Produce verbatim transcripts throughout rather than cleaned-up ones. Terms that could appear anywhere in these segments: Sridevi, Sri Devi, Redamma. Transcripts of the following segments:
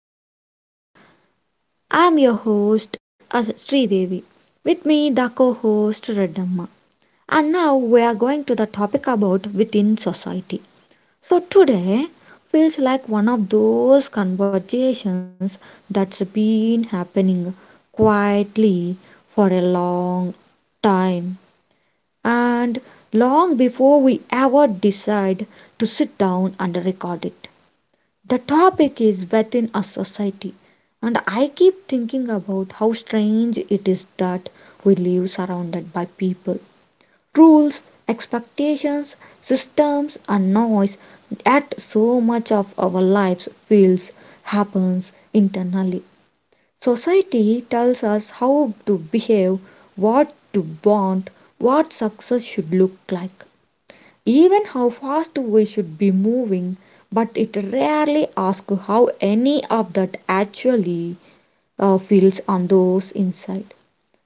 today's episode. I'm your host Sri Devi. With me the co-host Redamma. And now we are going to the topic about within society. So today feels like one of those conversations that's been happening quietly for a long time and long before we ever decide to sit down and record it. The topic is within a society, and I keep thinking about how strange it is that we live surrounded by people, rules, expectations, systems, and noise, yet so much of our lives feels happens internally. Society tells us how to behave, what to want, what success should look like even how fast we should be moving, but it rarely asks how any of that actually uh, feels on those inside.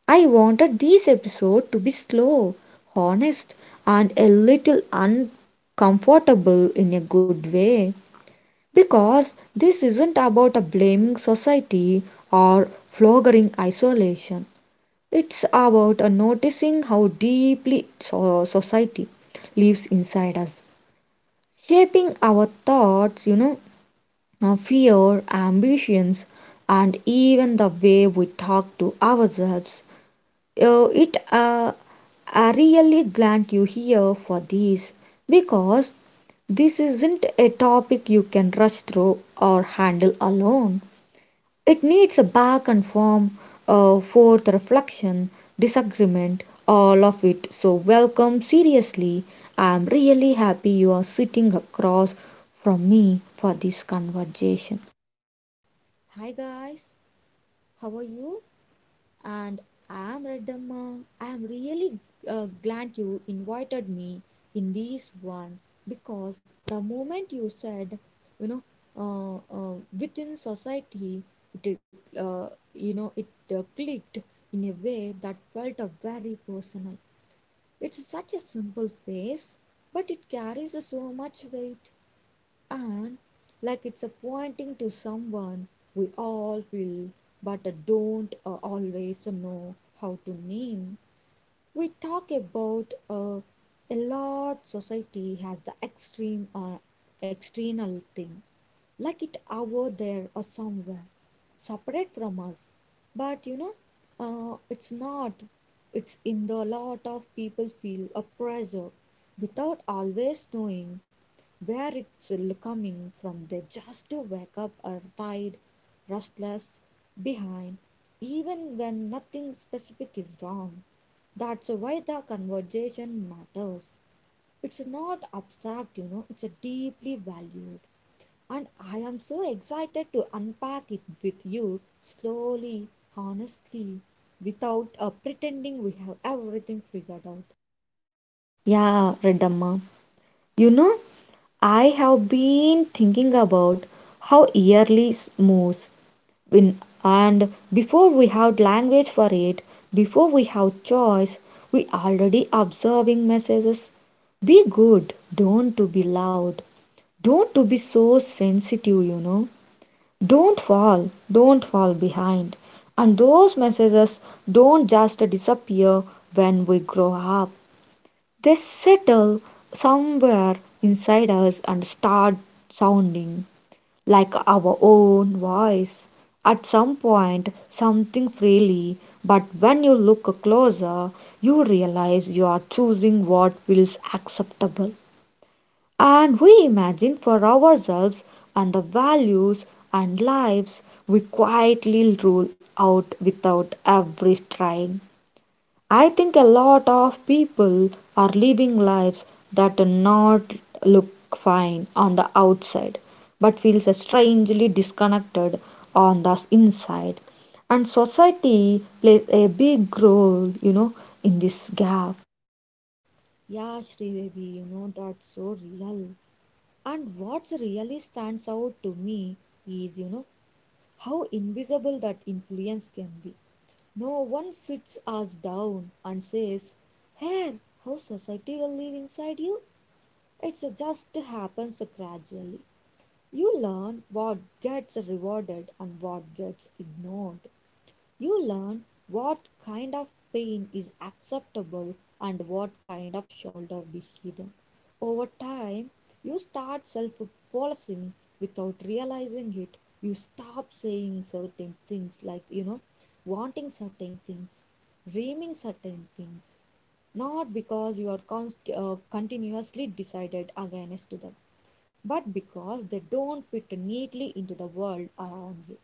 I wanted this episode to be slow, honest, and a little uncomfortable in a good way because this isn't about a blaming society or flogging isolation. It's about a noticing how deeply so- society lives inside us shaping our thoughts, you know, uh, fear, ambitions, and even the way we talk to ourselves. Uh, it uh, I really glad you here for this because this isn't a topic you can rush through or handle alone. It needs a back and form, a forth reflection, disagreement, all of it. So, welcome. Seriously, I'm really happy you are sitting across from me for this conversation. Hi guys, how are you? And I'm Redamma. I'm really uh, glad you invited me in this one because the moment you said, you know, uh, uh, within society, it uh, you know it uh, clicked in a way that felt uh, very personal. It's such a simple phrase, but it carries so much weight. And, like it's a pointing to someone we all feel but uh, don't uh, always know how to name. We talk about uh, a lot society has the extreme or external thing like it over there or somewhere separate from us but you know uh, it's not it's in the lot of people feel a pressure without always knowing where it's coming from. They just wake up or tired, restless, behind even when nothing specific is wrong. That's why the conversation matters. It's not abstract, you know, it's a deeply valued. And I am so excited to unpack it with you slowly, honestly, without uh, pretending we have everything figured out. Yeah, Redamma. You know, I have been thinking about how yearly s- moves in, and before we have language for it, before we have choice, we already observing messages. Be good, don't to be loud, don't to be so sensitive, you know. Don't fall, don't fall behind. And those messages don't just disappear when we grow up. They settle somewhere inside us and start sounding like our own voice at some point, something freely, but when you look closer, you realize you are choosing what feels acceptable. And we imagine for ourselves and the values and lives we quietly rule out without every trying. I think a lot of people are living lives that do not look fine on the outside but feels strangely disconnected on the inside, and society plays a big role, you know, in this gap. Yeah, Sridevi, you know that's so real. And what really stands out to me is, you know, how invisible that influence can be. No one sits us down and says, here, how society will live inside you? It just happens gradually. You learn what gets rewarded and what gets ignored. You learn what kind of pain is acceptable and what kind of should be hidden. Over time, you start self policing without realizing it. You stop saying certain things, like, you know, wanting certain things, dreaming certain things, not because you are const- uh, continuously decided against them, but because they don't fit neatly into the world around you.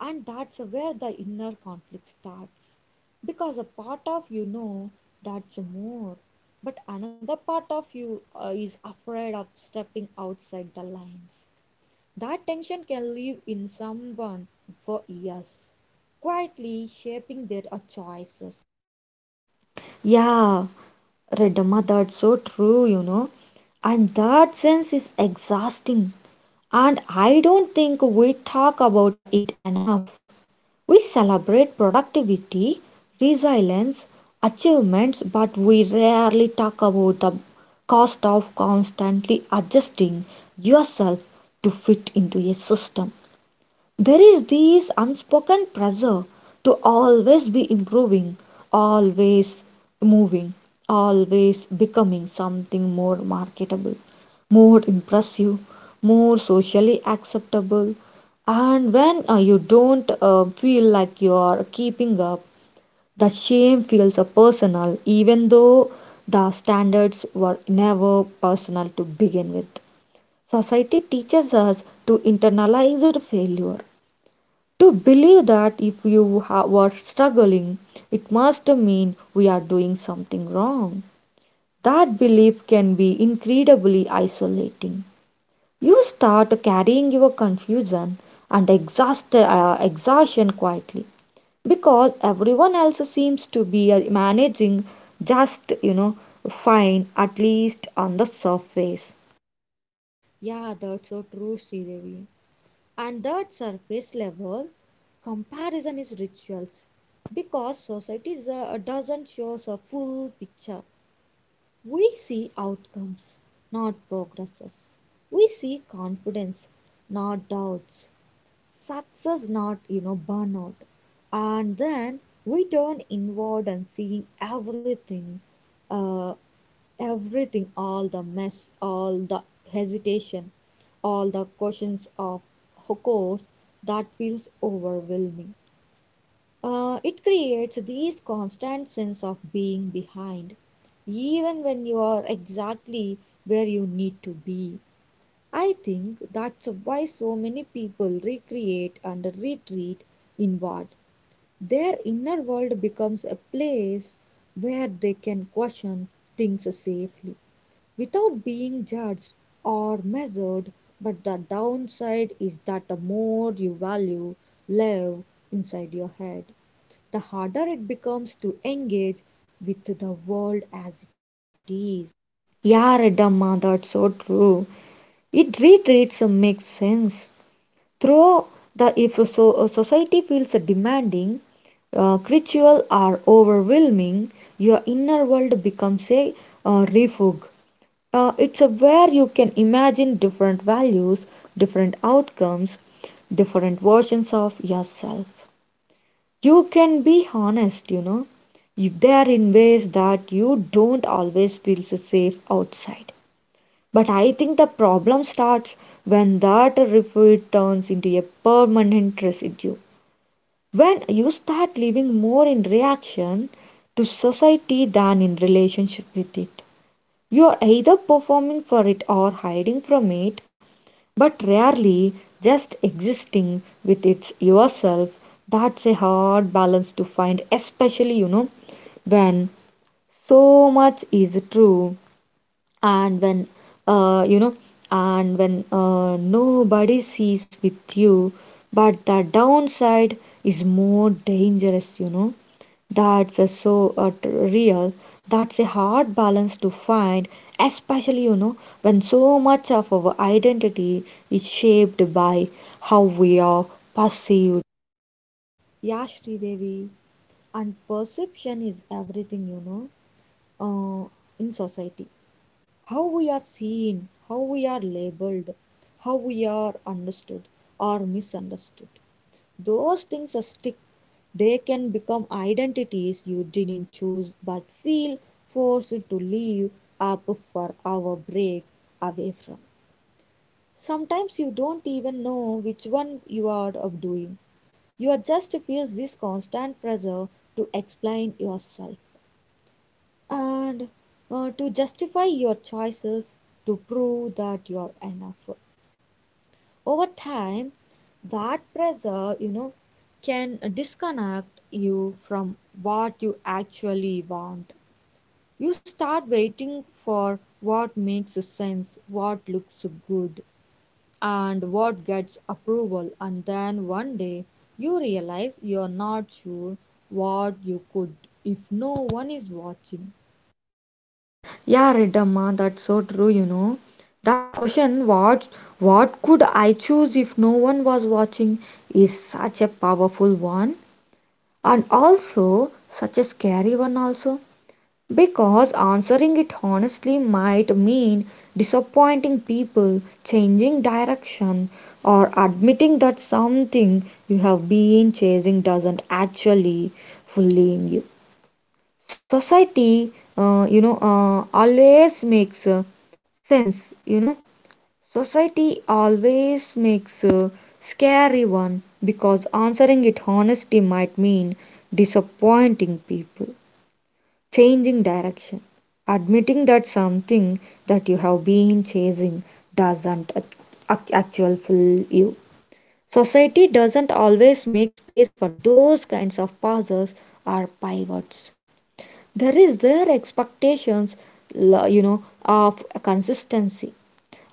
And that's where the inner conflict starts. Because a part of you know that's more, but another part of you uh, is afraid of stepping outside the lines. That tension can live in someone for years, quietly shaping their uh, choices. Yeah, Redama, that's so true, you know, and that sense is exhausting and i don't think we talk about it enough. We celebrate productivity, resilience, achievements, but we rarely talk about the cost of constantly adjusting yourself to fit into a system. There is this unspoken pressure to always be improving, always moving, always becoming something more marketable, more impressive, more socially acceptable. And when uh, you don't uh, feel like you are keeping up, the shame feels uh, personal, even though the standards were never personal to begin with. Society teaches us to internalize the failure to believe that if you ha- were struggling, it must mean we are doing something wrong. That belief can be incredibly isolating. You start carrying your confusion and exhaust- uh, exhaustion quietly because everyone else seems to be uh, managing just, you know, fine, at least on the surface. Yeah, that's so true, Sridevi. And that surface level comparison is rituals because society is, uh, doesn't show us a full picture. We see outcomes, not progresses. We see confidence, not doubts. Success, not you know burnout. And then we turn inward and seeing everything uh, everything all the mess, all the hesitation, all the questions of course that feels overwhelming. Uh, it creates this constant sense of being behind even when you are exactly where you need to be. I think that's why so many people recreate and retreat inward. Their inner world becomes a place where they can question things safely without being judged or measured, but the downside is that the more you value live inside your head, the harder it becomes to engage with the world as it is. Yeah, Redamma, that's so true. It retreats uh, makes sense. Through the if so, a society feels demanding, uh, ritual are overwhelming, your inner world becomes a uh, refuge. Uh, it's a where you can imagine different values, different outcomes, different versions of yourself. You can be honest, you know. You- They are in ways that you don't always feel so safe outside. But I think the problem starts when that refuge turns into a permanent residue. When you start living more in reaction to society than in relationship with it, you are either performing for it or hiding from it, but rarely just existing with it yourself. That's a hard balance to find, especially you know when so much is true and when uh, you know and when uh, nobody sees with you, but the downside is more dangerous, you know, that's a so uh, t- real. That's a hard balance to find, especially you know, when so much of our identity is shaped by how we are perceived. Yeah, Devi, and perception is everything, you know, uh, in society. How we are seen, how we are labeled, how we are understood or misunderstood. Those things are stick. They can become identities you didn't choose but feel forced to leave up for our break away from. Sometimes you don't even know which one you are of doing. You are just feels this constant pressure to explain yourself and uh, to justify your choices, to prove that you are enough. Over time that pressure, you know, can disconnect you from what you actually want. You start waiting for what makes sense, what looks good, and what gets approval, and then one day you realize you're not sure what you could if no one is watching. Yeah, Reddamma, that's so true, you know. That question, what what could I choose if no one was watching, is such a powerful one and also such a scary one also. Because answering it honestly might mean disappointing people, changing direction, or admitting that something you have been chasing doesn't actually fully in you. Society uh, you know uh, always makes uh, sense you know society always makes a scary one because answering it honestly might mean disappointing people, changing direction, admitting that something that you have been chasing doesn't ac- actually fill you. Society doesn't always make space for those kinds of pauses or pivots. There is their expectations, la- you know, of consistency,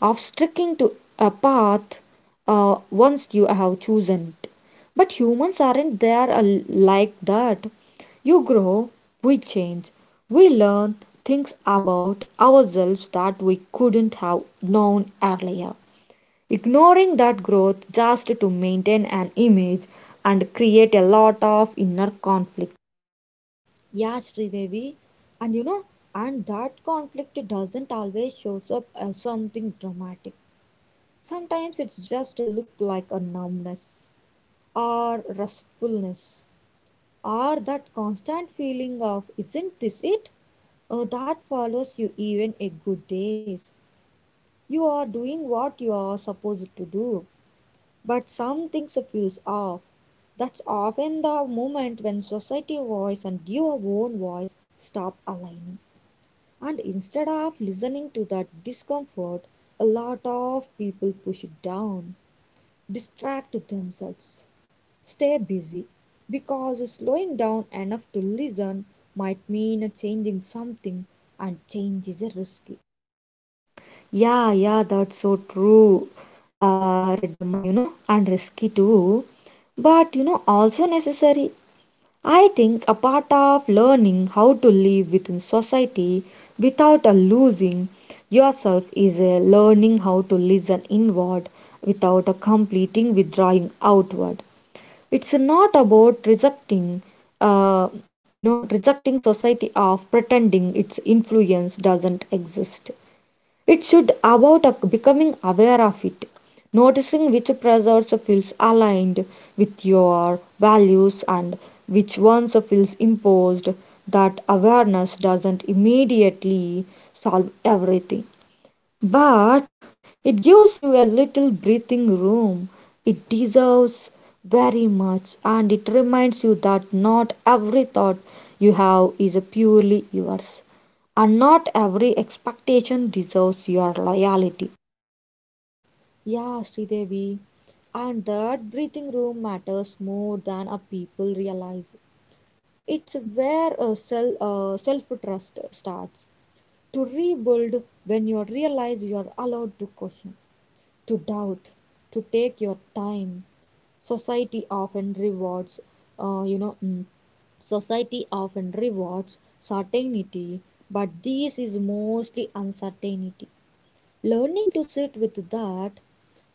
of sticking to a path uh, once you have chosen it. But humans aren't there al- like that. You grow, we change, we learn things about ourselves that we couldn't have known earlier. Ignoring that growth just to maintain an image and create a lot of inner conflict. Yes, Devi, and you know and that conflict doesn't always shows up as something dramatic. Sometimes it's just a look like a numbness, or restfulness, or that constant feeling of isn't this it? Uh, that follows you even a good days. You are doing what you are supposed to do, but something feels off. That's often the moment when society voice and your own voice stop aligning. And instead of listening to that discomfort, a lot of people push it down, distract themselves, stay busy because slowing down enough to listen might mean changing something, and change is risky. Yeah, yeah, that's so true, uh, Redamma, you know, and risky too, but you know, also necessary. I think a part of learning how to live within society without a losing yourself is a learning how to listen inward without a completing withdrawing outward. It's not about rejecting, uh, you know, rejecting society of pretending its influence doesn't exist. It should about a- becoming aware of it, noticing which pressures feels aligned with your values and which ones feels imposed. That awareness doesn't immediately solve everything, but it gives you a little breathing room. It deserves very much, and it reminds you that not every thought you have is purely yours, and not every expectation deserves your loyalty. Yeah, Sridevi, and that breathing room matters more than a people realize. It's where a self uh, self trust starts to rebuild when you realize you are allowed to question, to doubt, to take your time. Society often rewards, uh, you know, mm, Society often rewards certainty, but this is mostly uncertainty. Learning to sit with that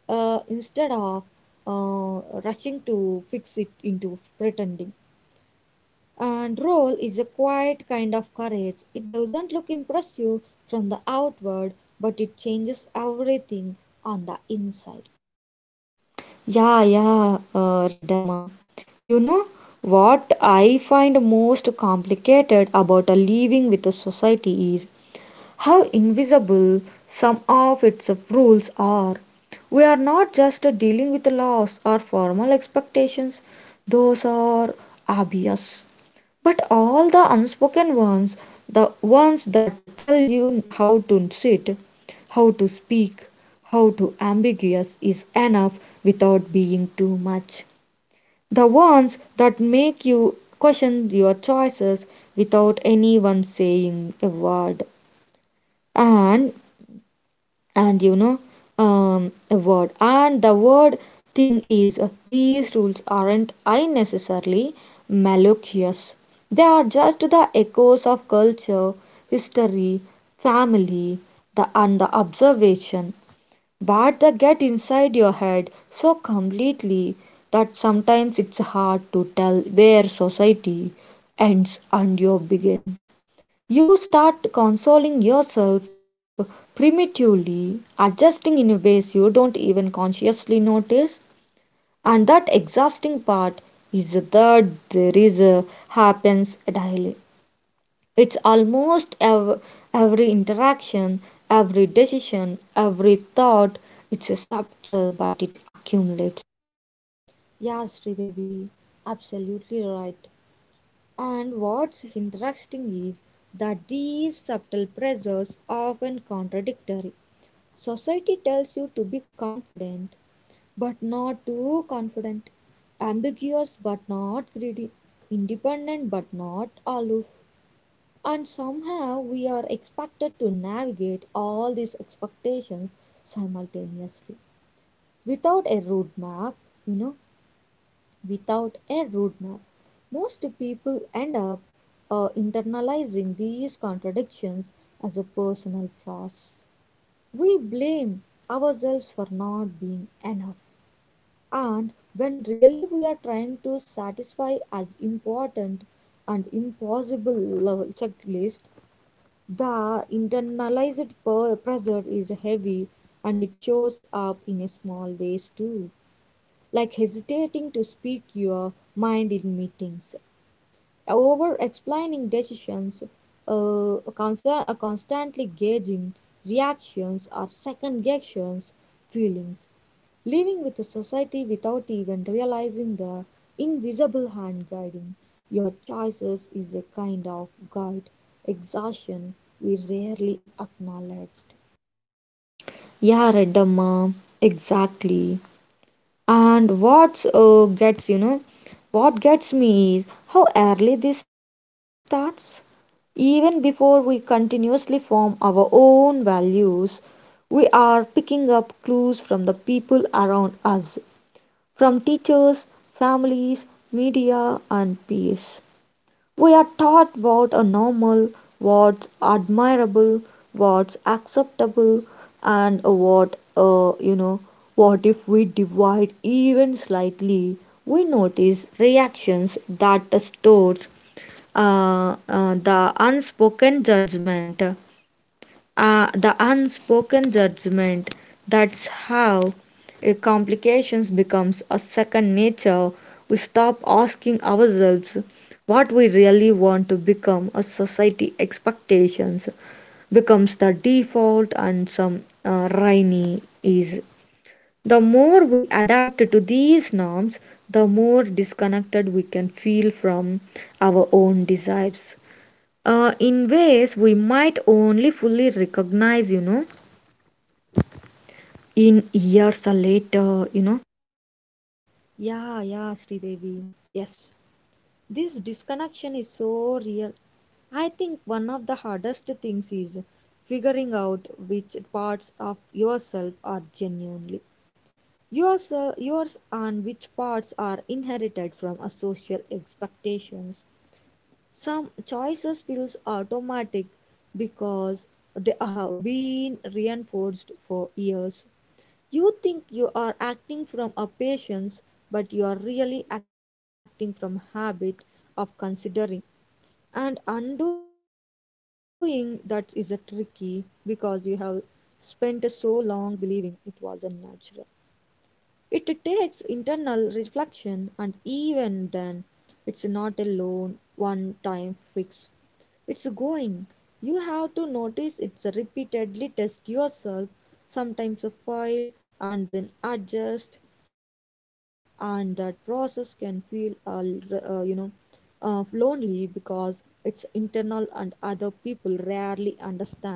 uh, instead of uh, rushing to fix it into pretending. And role is a quiet kind of courage. It doesn't look impressive from the outward, but it changes everything on the inside. Yeah, yeah, uh, Redamma. You know what I find most complicated about a living with a society is how invisible some of its rules are. We are not just dealing with laws or formal expectations, those are obvious, but all the unspoken ones, the ones that tell you how to sit, how to speak, how to ambiguous is enough without being too much. The ones that make you question your choices without anyone saying a word. And and you know um, a word and the word thing is uh, these rules aren't unnecessarily malicious. They are just the echoes of culture, history, family, the and the observation, but they get inside your head so completely that sometimes it's hard to tell where society ends and you begin. You start consoling yourself primitively, adjusting in ways you don't even consciously notice. And that exhausting part is that there is a, happens daily. It's almost ev- every interaction, every decision, every thought. It's a subtle, but it accumulates. Yeah, Sridevi, absolutely right. And what's interesting is that these subtle pressures are often contradictory. Society tells you to be confident, but not too confident, ambiguous, but not greedy, independent, but not aloof. And somehow we are expected to navigate all these expectations simultaneously without a roadmap, you know. Without a roadmap. Most people end up uh, internalizing these contradictions as a personal flaws. We blame ourselves for not being enough, and when really we are trying to satisfy as important and impossible level checklist, the internalized per- pressure is heavy and it shows up in a small ways too, like hesitating to speak your mind in meetings, over explaining decisions, uh, consa- uh, constantly gauging reactions or second guessions feelings, living with a society without even realizing the invisible hand guiding your choices is a kind of guide exhaustion we rarely acknowledged. Yeah, Redamma, exactly. And what uh, gets you know, what gets me is how early this starts. Even before we continuously form our own values, we are picking up clues from the people around us, from teachers, families, media, and peers. We are taught what are normal, what's admirable, what's acceptable, and what, uh, you know, what if we divide even slightly, we notice reactions that stores uh, uh, the unspoken judgment. Uh, the unspoken judgment that's how uh, complications becomes a second nature. We stop asking ourselves what we really want to become a society expectations becomes the default and some uh, rainy is the more we adapt to these norms, the more disconnected we can feel from our own desires uh, in ways we might only fully recognize, you know, in years later, you know. Yeah, yeah, Sridevi. Yes, this disconnection is so real. I think one of the hardest things is figuring out which parts of yourself are genuinely yours, uh, yours and which parts are inherited from a social expectations. Some choices feels automatic because they have been reinforced for years. You think you are acting from a patience, but you are really acting from habit of considering, and undoing that is a tricky because you have spent so long believing it was unnatural. It takes internal reflection, and even then, it's not a lone one time fix. It's going. You have to notice it repeatedly, test yourself, sometimes a file, and then adjust. And that process can feel, uh, uh, you know, uh, lonely because it's internal and other people rarely understand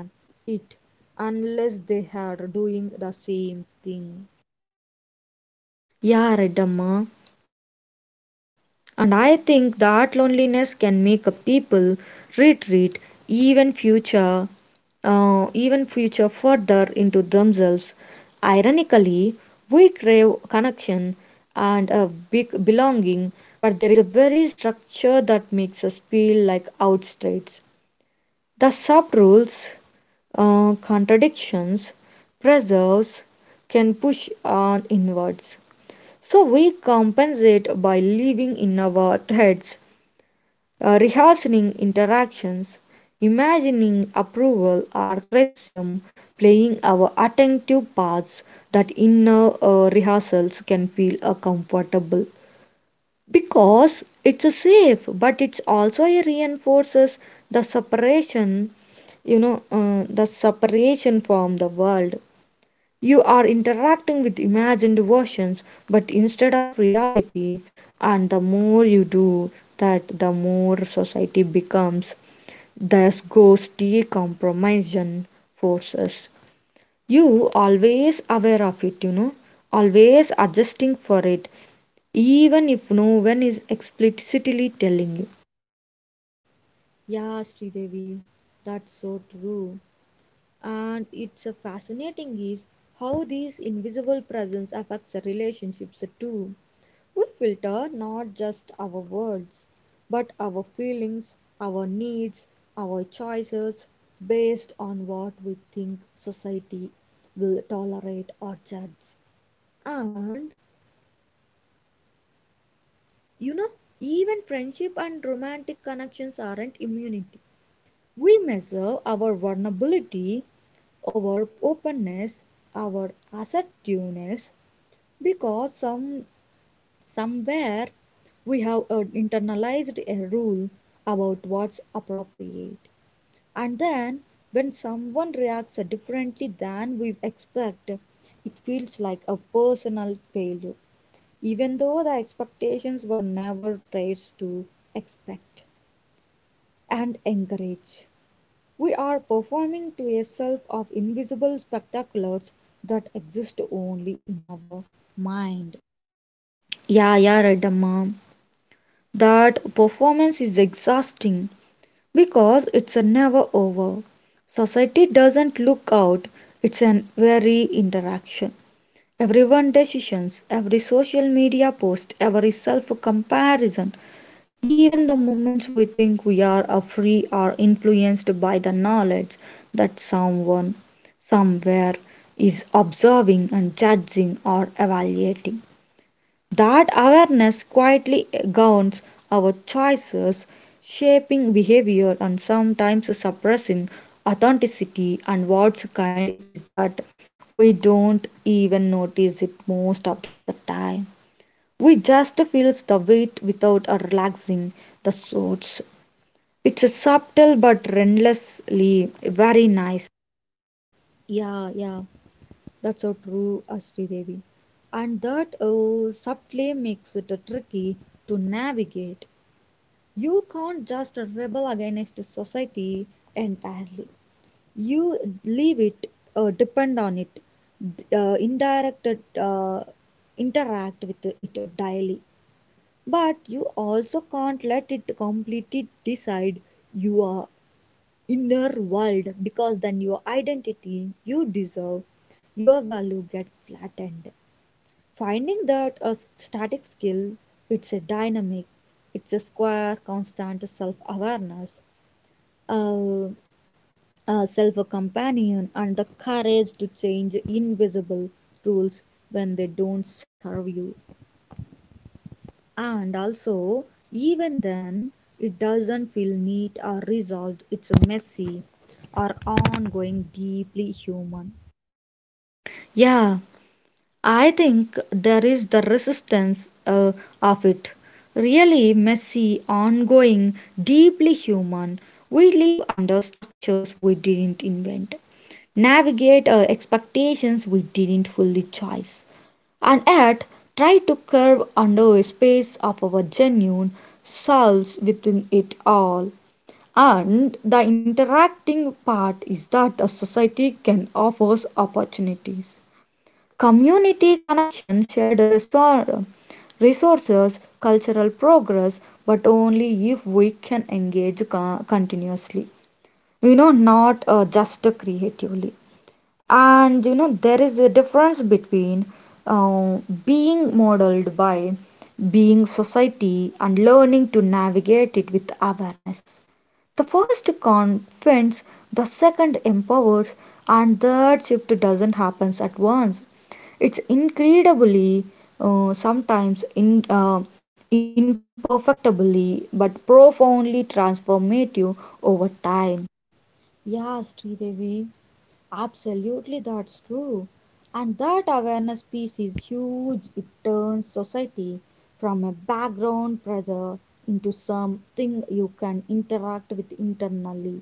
it unless they are doing the same thing. Yeah, Redamma. And I think that loneliness can make a people retreat even future uh, even future further into themselves. Ironically, we crave connection and a big belonging, but there is a very structure that makes us feel like outsiders. The subrules, uh, contradictions, preserves can push on inwards. So we compensate by living in our heads, uh, rehearsing interactions, imagining approval or criticism, playing our attentive parts. That inner uh, rehearsals can feel uh, comfortable because it's a safe, but it's also a reinforces the separation, you know, uh, the separation from the world. You are interacting with imagined versions but instead of reality, and the more you do that, the more society becomes this ghosty compromise forces you always aware of it, you know, always adjusting for it even if no one is explicitly telling you. Yeah, Sridevi, that's so true. And it's a fascinating is how these invisible presence affects the relationships too. We filter not just our words but our feelings, our needs, our choices based on what we think society will tolerate or judge. And you know, even friendship and romantic connections aren't immunity. We measure our vulnerability, our openness, our assertiveness, because some somewhere we have uh, internalized a rule about what's appropriate. And then when someone reacts differently than we expect, it feels like a personal failure, even though the expectations were never raised to expect and encourage. We are performing to a self of invisible spectaculars that exist only in our mind. Yeah, yeah, right Amma. That performance is exhausting because it's a never over. Society doesn't look out. It's an very interaction, everyone decisions, every social media post, every self comparison. Even the moments we think we are uh, free are influenced by the knowledge that someone somewhere is observing and judging or evaluating. That awareness quietly governs our choices, shaping behavior and sometimes suppressing authenticity. And what's kind is that we don't even notice it most of the time. We just feels the weight without uh, relaxing the source. It's a subtle but relentlessly very nice. Yeah, yeah, that's so true, Ashri Devi. And that uh, subtly makes it tricky to navigate. You can't just rebel against society entirely. You leave it, uh, depend on it, d- uh, indirect, uh, interact with it daily. But you also can't let it completely decide your inner world because then your identity you deserve, your value get flattened. Finding that a s- static skill, it's a dynamic, it's a square, constant self awareness, uh, a self companion, and the courage to change invisible rules when they don't serve you. And also, even then, it doesn't feel neat or resolved, it's messy or ongoing, deeply human. Yeah, I think there is the resistance uh, of it. Really messy, ongoing, deeply human. We live under structures we didn't invent, navigate uh, expectations we didn't fully choose, and yet try to curve under a space of our genuine selves within it all. And the interacting part is that a society can offer opportunities. Community connection, shared resor- resources, cultural progress, but only if we can engage co- continuously. You know, not uh, just creatively, and you know there is a difference between uh, being modeled by being society and learning to navigate it with awareness. The first confronts, the second empowers, and the third shift doesn't happen at once. It's incredibly uh, sometimes in uh, imperfectly but profoundly transformative over time. Yes, Devi, absolutely that's true. And that awareness piece is huge. It turns society from a background pressure into something you can interact with internally.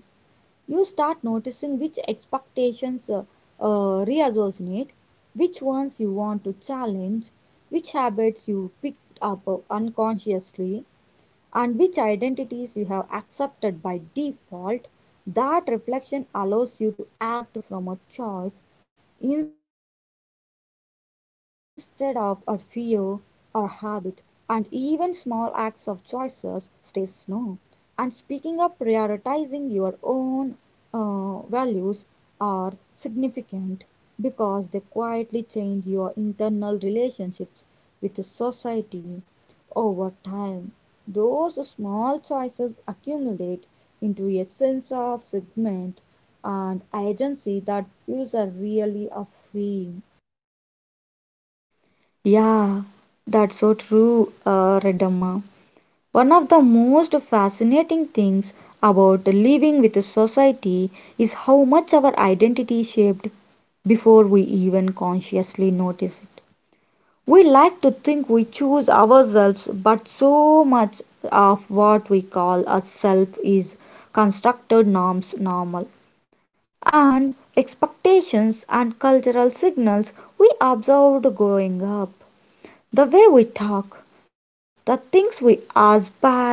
You start noticing which expectations uh, uh, reassociate, which ones you want to challenge, which habits you picked up uh, unconsciously, and which identities you have accepted by default. That reflection allows you to act from a choice instead of a fear or habit, and even small acts of choices stay slow and speaking of prioritizing your own uh, values are significant because they quietly change your internal relationships with the society over time. Those small choices accumulate into a sense of segment and agency that feels are really a freeing. Yeah, that's so true, uh, Redamma. One of the most fascinating things about living with a society is how much our identity is shaped before we even consciously notice it. We like to think we choose ourselves, but so much of what we call a self is constructed norms, normal, and expectations and cultural signals we observed growing up. The way we talk, the things we aspire to,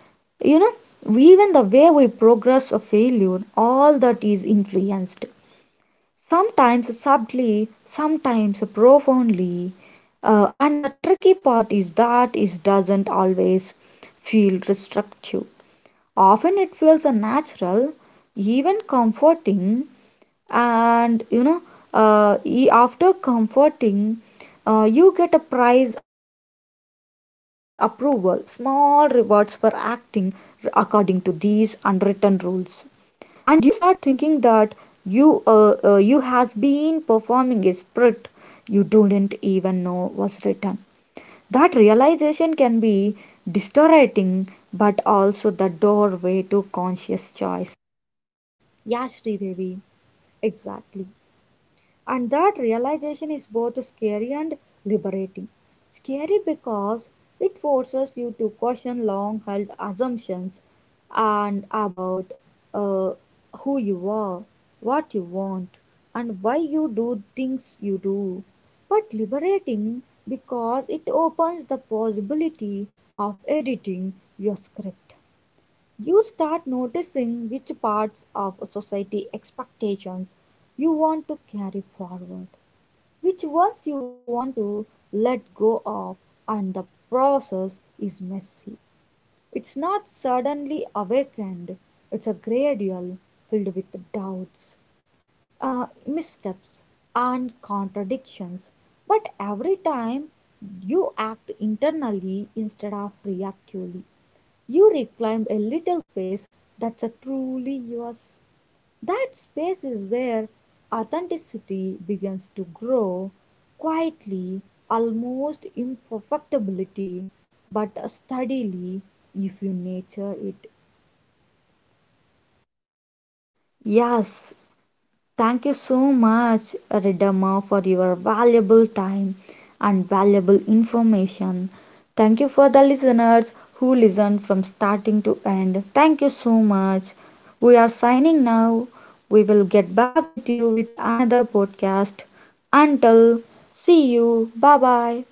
you know, even the way we progress or failure all that is influenced sometimes subtly, sometimes profoundly. Uh, and the tricky part is that it doesn't always feel restrictive. Often it feels natural, even comforting, and you know uh, e- after comforting uh, you get a prize approval, small rewards for acting according to these unwritten rules, and you start thinking that you uh, uh, you has been performing a script you didn't even know was written. That realization can be distorting but also the doorway to conscious choice. Yes, Devi, exactly. And that realization is both scary and liberating. Scary because it forces you to question long held assumptions and about uh, who you are, what you want, and why you do things you do. But liberating because it opens the possibility of editing your script. You start noticing which parts of society expectations you want to carry forward, which ones you want to let go of, and the process is messy. It's not suddenly awakened, it's a gradual filled with doubts, uh, missteps, and contradictions. But every time you act internally instead of reactively, you reclaim a little space that's a truly yours. That space is where authenticity begins to grow quietly, almost imperfectibility, but steadily if you nurture it. Yes. Thank you so much, Redamma, for your valuable time and valuable information. Thank you for the listeners who listened from starting to end. Thank you so much. We are signing now. We will get back with you with another podcast. Until see you. Bye bye.